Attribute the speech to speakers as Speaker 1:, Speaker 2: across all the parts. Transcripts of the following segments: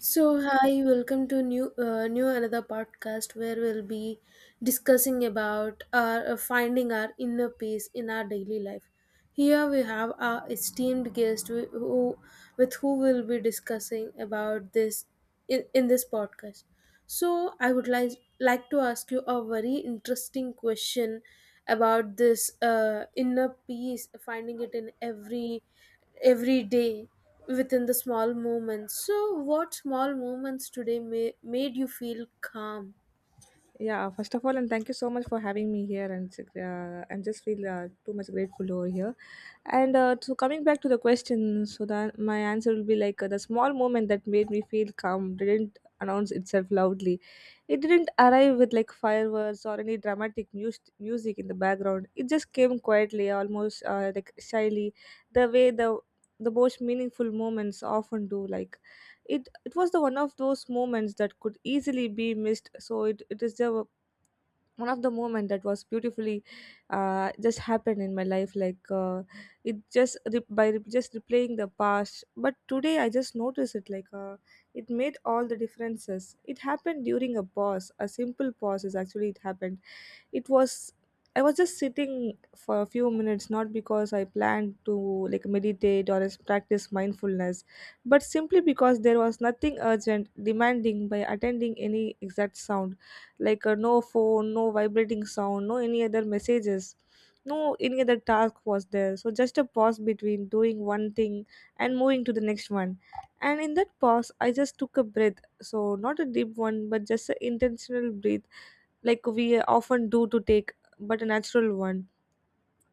Speaker 1: So hi, welcome to new new another podcast where we'll be discussing about our finding our inner peace in our daily life. Here we have our esteemed guest who with who we'll be discussing about this in this podcast. So I would like to ask you a very interesting question about this inner peace, finding it in every day within the small moments. So, what small moments today made you feel calm?
Speaker 2: Yeah, first of all, and thank you so much for having me here, and I'm just feel too much grateful over here. And so coming back to the question, so that my answer will be like the small moment that made me feel calm didn't announce itself loudly. It didn't arrive with like fireworks or any dramatic music in the background. It just came quietly, almost like shyly, the way the most meaningful moments often do. Like it was the one of those moments that could easily be missed, so it is the one of the moment that was beautifully just happened in my life like it just just replaying the past. But today I just noticed it like it made all the differences. It happened during a pause, a simple pause is actually it happened, it was, I was just sitting for a few minutes, not because I planned to like meditate or practice mindfulness, but simply because there was nothing urgent demanding by attending any exact sound, like no phone, no vibrating sound, no any other messages, no any other task was there, so just a pause between doing one thing and moving to the next one. And in that pause I just took a breath, so not a deep one but just an intentional breath, like we often do to take, but a natural one.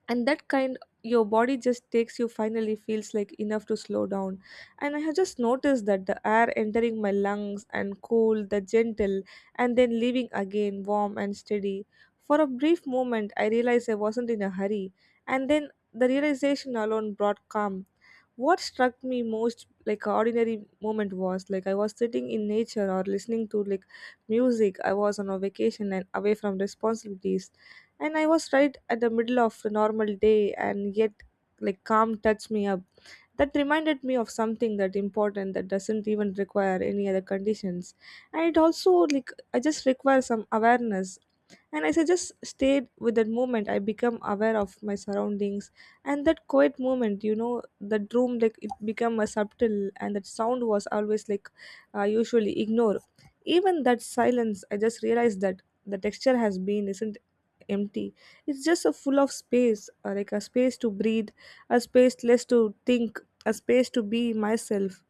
Speaker 2: And that kind, your body just takes, you finally feels like enough to slow down. And I have just noticed that the air entering my lungs and cool, the gentle, and then leaving again warm and steady. For a brief moment, I realized I wasn't in a hurry, and then the realization alone brought calm. What struck me most like ordinary moment was, like I was sitting in nature or listening to like music, I was on a vacation and away from responsibilities, and I was right at the middle of a normal day. And yet, like calm touched me up. That reminded me of something that important, that doesn't even require any other conditions. And it also, like I just require some awareness. And as I just stayed with that moment, I become aware of my surroundings. And that quiet moment, you know that room, like it become a subtle, and that sound was always like I usually ignore. Even that silence, I just realized that the texture has been isn't empty. It's just a full of space, like a space to breathe, a space less to think, a space to be myself.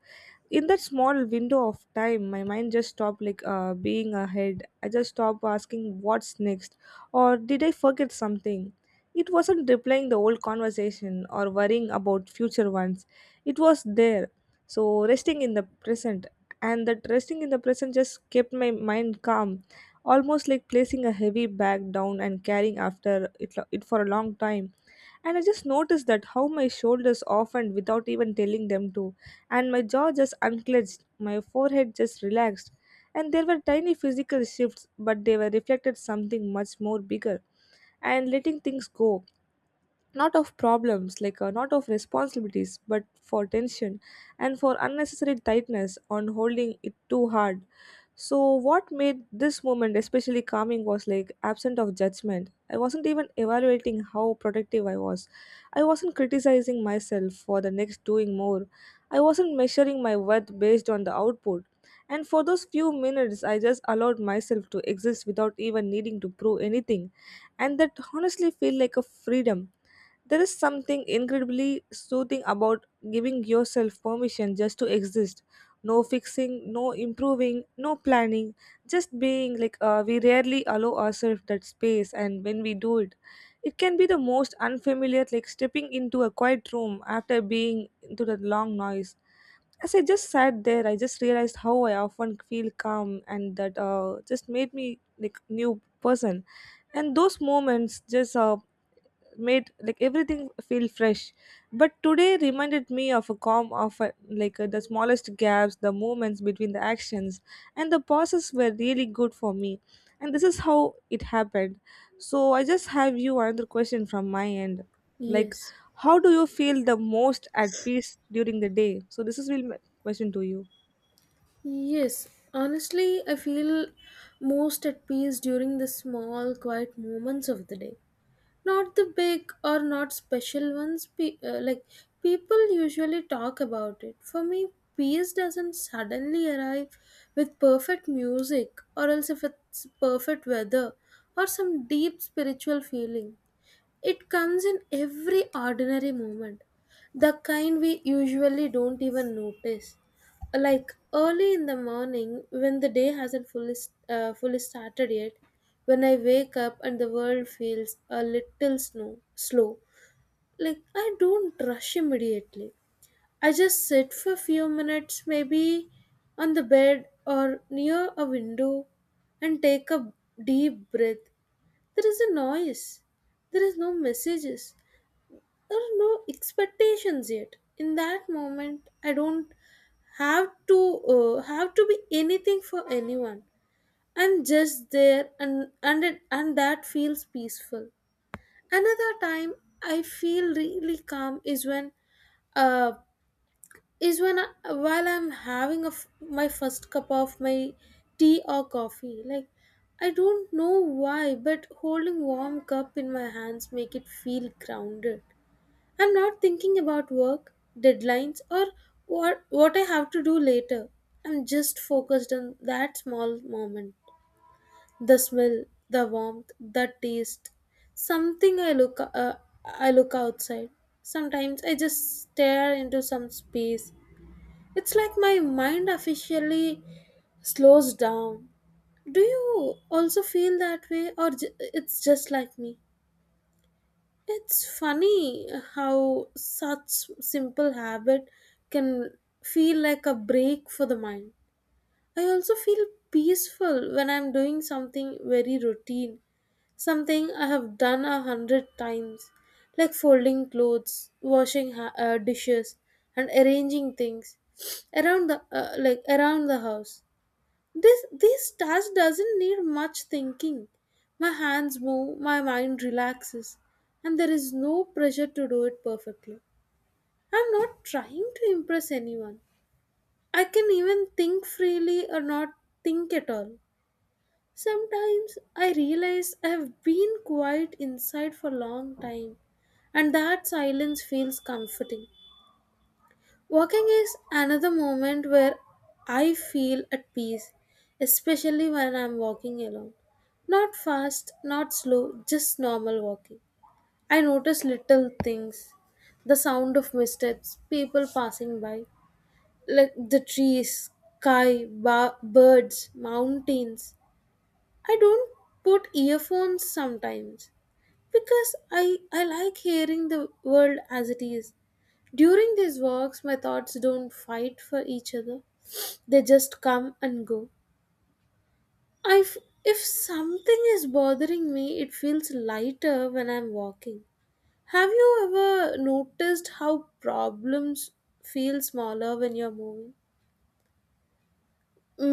Speaker 2: In that small window of time, my mind just stopped like being ahead. I just stopped asking what's next, or did I forget something. It wasn't replaying the old conversation or worrying about future ones. It was there, so resting in the present. And that resting in the present just kept my mind calm, almost like placing a heavy bag down and carrying after it for a long time. And I just noticed that how my shoulders often without even telling them to, and my jaw just unclenched, my forehead just relaxed. And there were tiny physical shifts, but they were reflected something much more bigger, and letting things go, not of problems, like not of responsibilities, but for tension and for unnecessary tightness on holding it too hard. So what made this moment especially calming was like absent of judgment. I wasn't even evaluating how productive I was, I wasn't criticizing myself for the next doing more, I wasn't measuring my worth based on the output. And for those few minutes I just allowed myself to exist without even needing to prove anything, and that honestly felt like a freedom. There is something incredibly soothing about giving yourself permission just to exist. No fixing, no improving, no planning, just being like we rarely allow ourselves that space. And when we do it, it can be the most unfamiliar, like stepping into a quiet room after being into the long noise. As I just sat there, I just realized how I often feel calm, and that just made me like new person. And those moments just made like everything feel fresh. But today reminded me of a calm of like the smallest gaps, the movements between the actions and the pauses were really good for me. And this is how it happened. So I just have you another question from my end, like
Speaker 1: Yes,
Speaker 2: how do you feel the most at peace during the day? So this is will my question to you.
Speaker 1: yes. Honestly, I feel most at peace during the small, quiet moments of the day. Not the big or not special ones. Like people usually talk about it. For me, peace doesn't suddenly arrive with perfect music, or else if it's perfect weather, or some deep spiritual feeling. It comes in every ordinary moment, the kind we usually don't even notice. Like early in the morning, when the day hasn't fully started yet, when I wake up and the world feels a slow. Like I don't rush immediately. I just sit for a few minutes, maybe on the bed or near a window, and take a deep breath. There is a noise. There is no messages. There are no expectations yet. In that moment, I don't have to have to be anything for anyone. I'm just there, and that feels peaceful. Another time, I feel really calm uh is while I'm having my first cup of my tea or coffee. Like I don't know why, but holding warm cup in my hands make it feel grounded. I'm not thinking about work, deadlines, or what I have to do later. I'm just focused on that small moment. The smell, the warmth, the taste. Something I look outside. Sometimes I just stare into some space. It's like my mind officially slows down. Do you also feel that way or it's just like me? It's funny how such simple habit can feel like a break for the mind. I also feel peaceful when I'm doing something very routine, something I have done a hundred times, like folding clothes, washing dishes, and arranging things around the like around the house. This task doesn't need much thinking. My hands move, my mind relaxes, and there is no pressure to do it perfectly. I'm not trying to impress anyone. I can even think freely or not think at all. Sometimes I realize I have been quiet inside for a long time, and that silence feels comforting. Walking is another moment where I feel at peace, especially when I'm walking alone. Not fast, not slow, just normal walking. I notice little things: the sound of missteps, people passing by, like the trees, sky, birds, mountains. I don't put earphones sometimes because I like hearing the world as it is. During these walks, my thoughts don't fight for each other, they just come and go. I f- if something is bothering me, it feels lighter when I'm walking. Have you ever noticed how problems feel smaller when you're moving?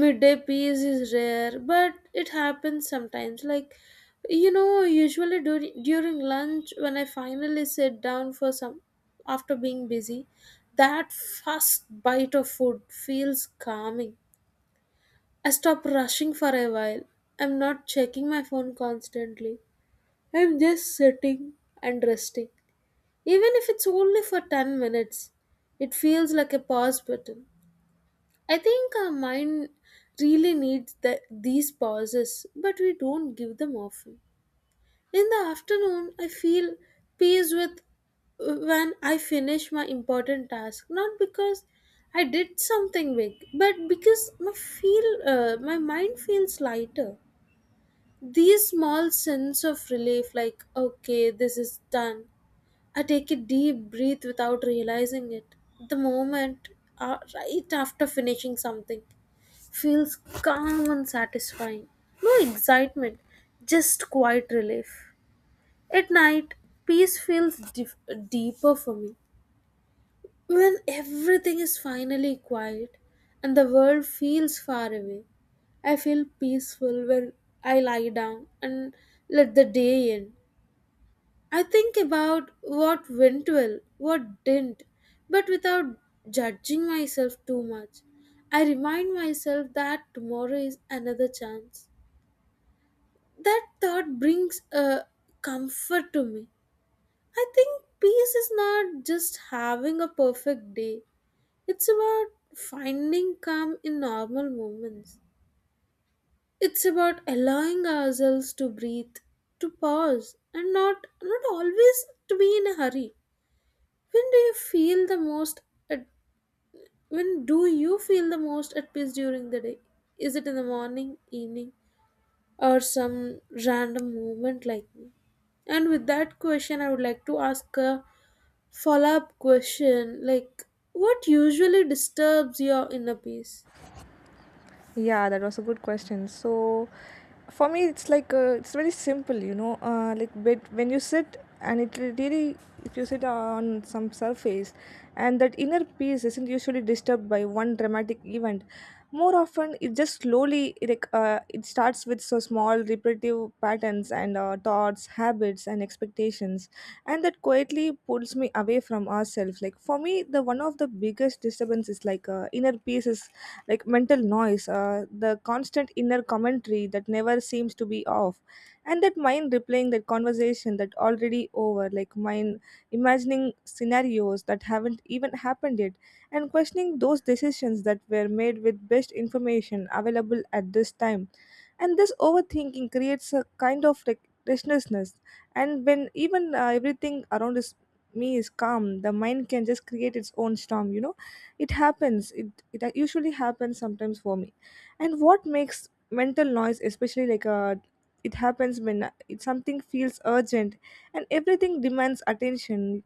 Speaker 1: Midday peace is rare, but it happens sometimes, like you know, usually during lunch when I finally sit down for some after being busy. That first bite of food feels calming. I stop rushing for a while. I'm not checking my phone constantly. I'm just sitting and resting. Even if it's only for 10 minutes, it feels like a pause button. I think our mind really needs these pauses, but we don't give them often. In the afternoon, I feel peace with when I finish my important task, not because I did something big, but because my mind feels lighter. These small sense of relief, like okay, this is done. I take a deep breath without realizing it. The moment right after finishing something feels calm and satisfying. No excitement, just quiet relief. At night, peace feels deeper for me. When everything is finally quiet and the world feels far away, I feel peaceful when I lie down and let the day in. I think about what went well, what didn't, but without judging myself too much. I remind myself that tomorrow is another chance. That thought brings a comfort to me. I think peace is not just having a perfect day, it's about finding calm in normal moments. It's about allowing ourselves to breathe, to pause, and not always to be in a hurry. When do you feel the most at when do you feel the most at peace during the day? Is it in the morning, evening, or some random movement like me? And with that question, I would like to ask a follow-up question, like what usually disturbs your inner peace?
Speaker 2: Yeah, that was a good question. So for me, it's like it's very simple, you know. Like but when you sit, and it really, if you sit on some surface, and that inner peace isn't usually disturbed by one dramatic event. More often, it just slowly like it starts with so small repetitive patterns and thoughts, habits, and expectations, and that quietly pulls me away from ourselves. Like for me, the one of the biggest disturbance is like inner peace is like mental noise, the constant inner commentary that never seems to be off, and that mind replaying that conversation that already over, like mind imagining scenarios that haven't even happened yet, and questioning those decisions that were made with best information available at this time. And this overthinking creates a kind of like restlessness. And when even everything around is me is calm, the mind can just create its own storm, you know. It happens, it usually happens sometimes for me. And what makes mental noise especially like a, it happens when it, something feels urgent and everything demands attention.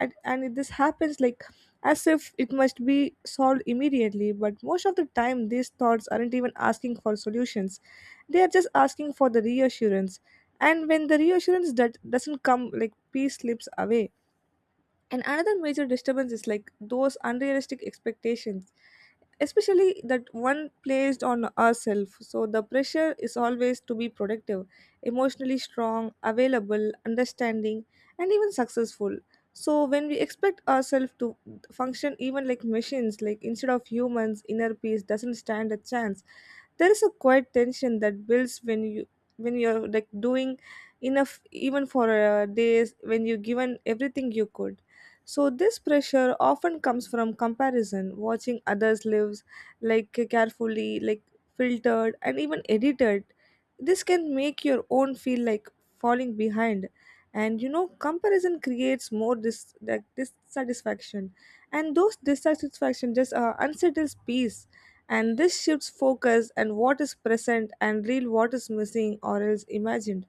Speaker 2: And this happens like, as if it must be solved immediately. But most of the time these thoughts aren't even asking for solutions, they are just asking for the reassurance. And when the reassurance that doesn't come, like peace slips away. And another major disturbance is like those unrealistic expectations, especially that one placed on ourselves. So the pressure is always to be productive, emotionally strong, available, understanding, and even successful. So when we expect ourselves to function even like machines, like instead of humans, inner peace doesn't stand a chance. There is a quiet tension that builds when you, when you're like doing enough even for days when you given everything you could. So this pressure often comes from comparison, watching others lives like carefully, like filtered and even edited. This can make your own feel like falling behind. And you know, comparison creates more dissatisfaction, and those dissatisfaction just unsettles peace. And this shifts focus and what is present and real, what is missing or else imagined.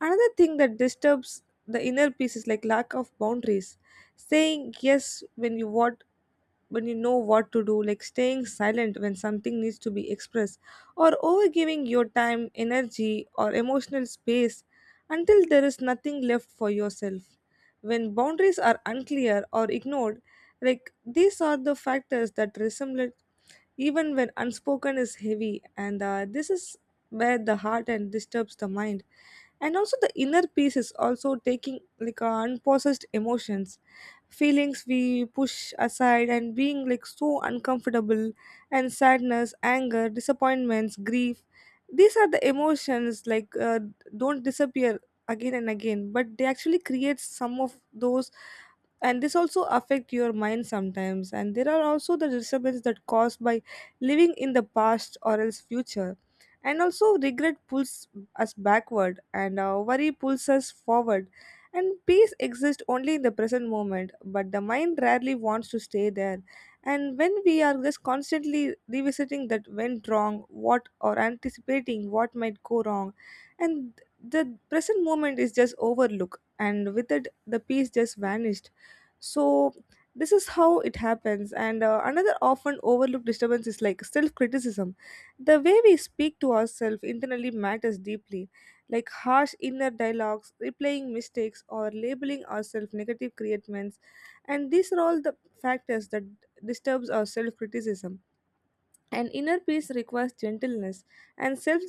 Speaker 2: Another thing that disturbs the inner peace is like lack of boundaries. Saying yes when you what, when you know what to do, like staying silent when something needs to be expressed, or overgiving your time, energy, or emotional space until there is nothing left for yourself. When boundaries are unclear or ignored, like these are the factors that resemble even when unspoken is heavy. And this is where the heart and disturbs the mind. And also the inner peace is also taking like unprocessed emotions, feelings we push aside and being like so uncomfortable. And sadness, anger, disappointments, grief, these are the emotions like don't disappear again and again, but they actually create some of those. And this also affect your mind sometimes. And there are also the disturbance that caused by living in the past or else future. And also regret pulls us backward, and worry pulls us forward. And peace exists only in the present moment, but the mind rarely wants to stay there. And when we are just constantly revisiting that went wrong, what or anticipating what might go wrong, and the present moment is just overlooked, and with it, the peace just vanished. So this is how it happens. And another often overlooked disturbance is like self criticism. The way we speak to ourselves internally matters deeply, like harsh inner dialogues, replaying mistakes, or labeling ourselves negative creatments. And these are all the factors that disturbs our self-criticism. And inner peace requires gentleness, and self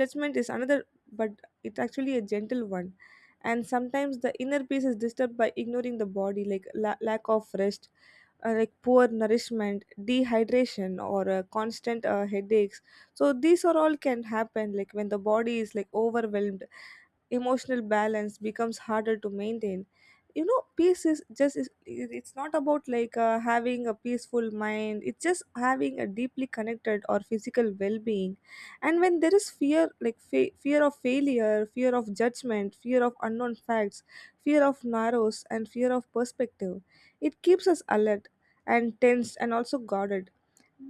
Speaker 2: judgment is another, but it's actually a gentle one. And sometimes the inner peace is disturbed by ignoring the body, like lack of rest, like poor nourishment, dehydration, or constant headaches. So these are all can happen, like when the body is like overwhelmed, emotional balance becomes harder to maintain. You know peace is just it's not about like having a peaceful mind, it's just having a deeply connected or physical well-being. And when there is fear, like fear of failure, fear of judgment, fear of unknown facts, fear of narrows, and fear of perspective, it keeps us alert and tensed and also guarded.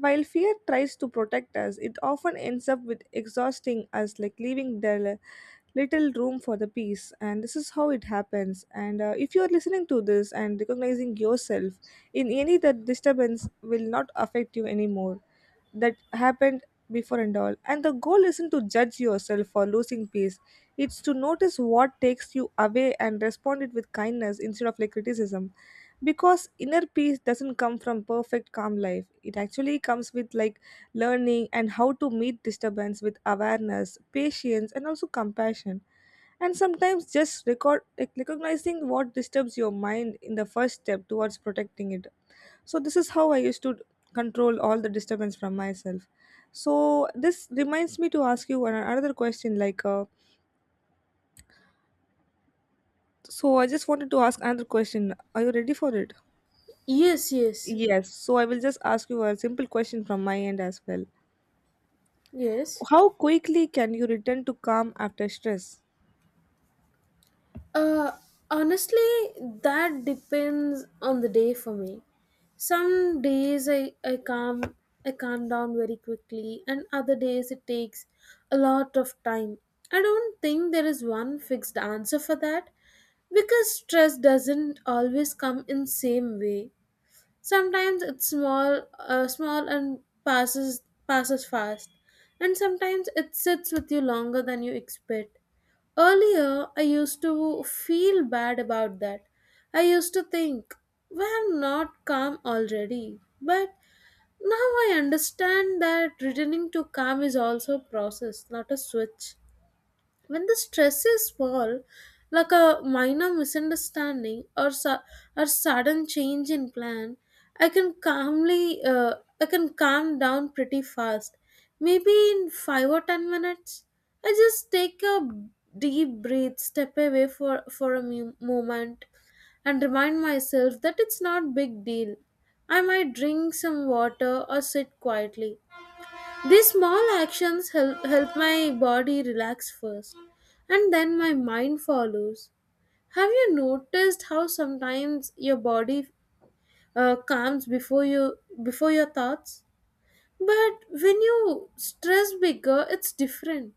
Speaker 2: While fear tries to protect us, it often ends up with exhausting us, like leaving dull little room for the peace. And this is how it happens. And if you are listening to this and recognizing yourself in any that disturbance will not affect you anymore, that happened before and all. And the goal isn't to judge yourself for losing peace, it's to notice what takes you away and respond it with kindness instead of like criticism. Because inner peace doesn't come from perfect calm life, it actually comes with like learning and how to meet disturbance with awareness, patience, and also compassion. And sometimes just recognizing what disturbs your mind in the first step towards protecting it. So this is how I used to control all the disturbance from myself. So this reminds me to ask you another question. Like, so I just wanted to ask another question. Are you ready for it?
Speaker 1: Yes, yes,
Speaker 2: Yes. So I will just ask you a simple question from my end as well.
Speaker 1: yes.
Speaker 2: How quickly can you return to calm after stress?
Speaker 1: Uh, honestly, that depends on the day. For me, some days I calm, I calm down very quickly, and other days it takes a lot of time. I don't think there is one fixed answer for that because stress doesn't always come in same way. Sometimes it's small small and passes fast, and sometimes it sits with you longer than you expect. Earlier I used to feel bad about that. I used to think why I'm not calm already, but now I understand that returning to calm is also a process, not a switch. When the stresses fall, like a minor misunderstanding or or sudden change in plan, i can calmly uh, I can calm down pretty fast, maybe in 5 or 10 minutes. I just take a deep breath, step away for a moment, and remind myself that it's not big deal. I might drink some water or sit quietly. These small actions help my body relax first, and then my mind follows. Have you noticed how sometimes your body calms before you, before your thoughts? But when you stress bigger, it's different.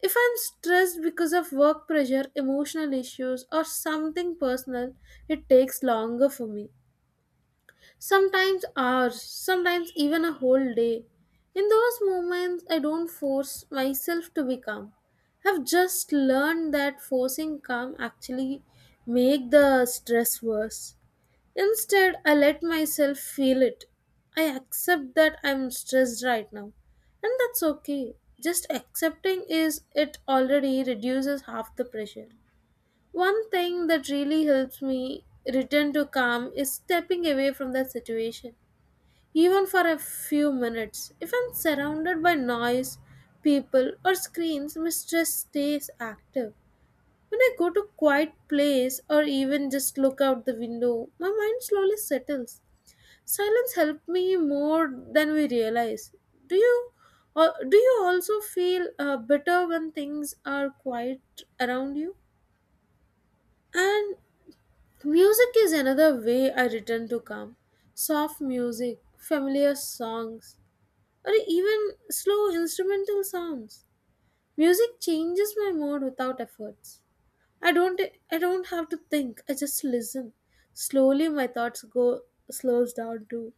Speaker 1: If I'm stressed because of work pressure, emotional issues, or something personal, it takes longer for me, sometimes hours, sometimes even a whole day. In those moments, I don't force myself to be calm. I've just learned that forcing calm actually make the stress worse. Instead, I let myself feel it. I accept that I'm stressed right now, and that's okay. Just accepting is it already reduces half the pressure. One thing that really helps me return to calm is stepping away from that situation, even for a few minutes. If I'm surrounded by noise, people, or screens, my stress stays active. When I go to quiet place or even just look out the window, my mind slowly settles. Silence helped me more than we realize. Do you do you also feel better when things are quiet around you? And music is another way I return to calm. Soft music, familiar songs, or even slow instrumental sounds. Music changes my mood without efforts. I don't I don't have to think. I just listen. Slowly my thoughts go slows down too.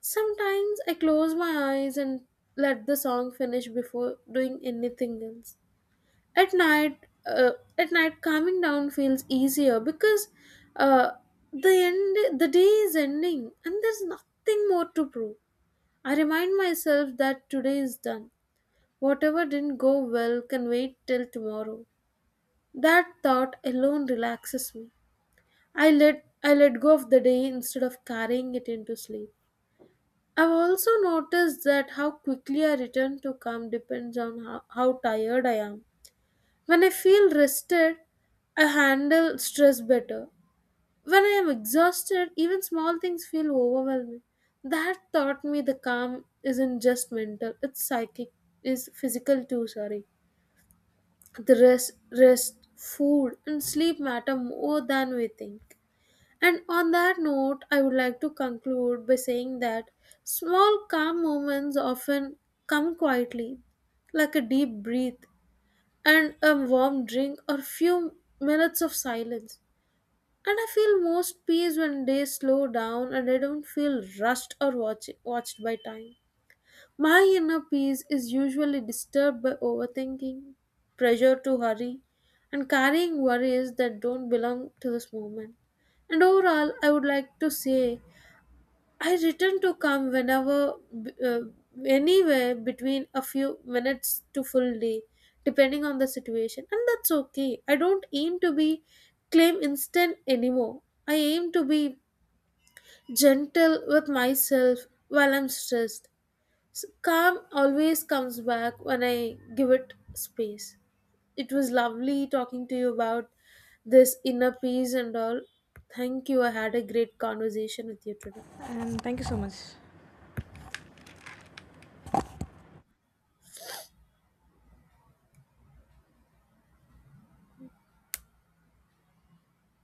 Speaker 1: Sometimes I close my eyes and let the song finish before doing anything else. At night, uh, at night, calming down feels easier because uh, the end the day is ending and there's nothing more to prove. I remind myself that today is done. Whatever didn't go well can wait till tomorrow. That thought alone relaxes me. I let go of the day instead of carrying it into sleep. I've also noticed that how quickly I return to calm depends on how tired I am. When I feel rested, I handle stress better. When I am exhausted, even small things feel overwhelming. That taught me the calm isn't just mental, it's psychic, is physical too, sorry. The rest, food, and sleep matter more than we think. And on that note, I would like to conclude by saying that small calm moments often come quietly, like a deep breath and a warm drink or few minutes of silence. And I feel most peace when days slow down and I don't feel rushed or watched by time. My inner peace is usually disturbed by overthinking, pressure to hurry, and carrying worries that don't belong to this moment. And overall, I would like to say I return to calm whenever, uh, anywhere between a few minutes to full day, depending on the situation. And that's okay. I don't aim to be claim instant anymore. I aim to be gentle with myself while I'm stressed. Calm always comes back when I give it space. It was lovely talking to you about this inner peace and all. Thank you. I had a great conversation with you today.
Speaker 2: And thank you so much.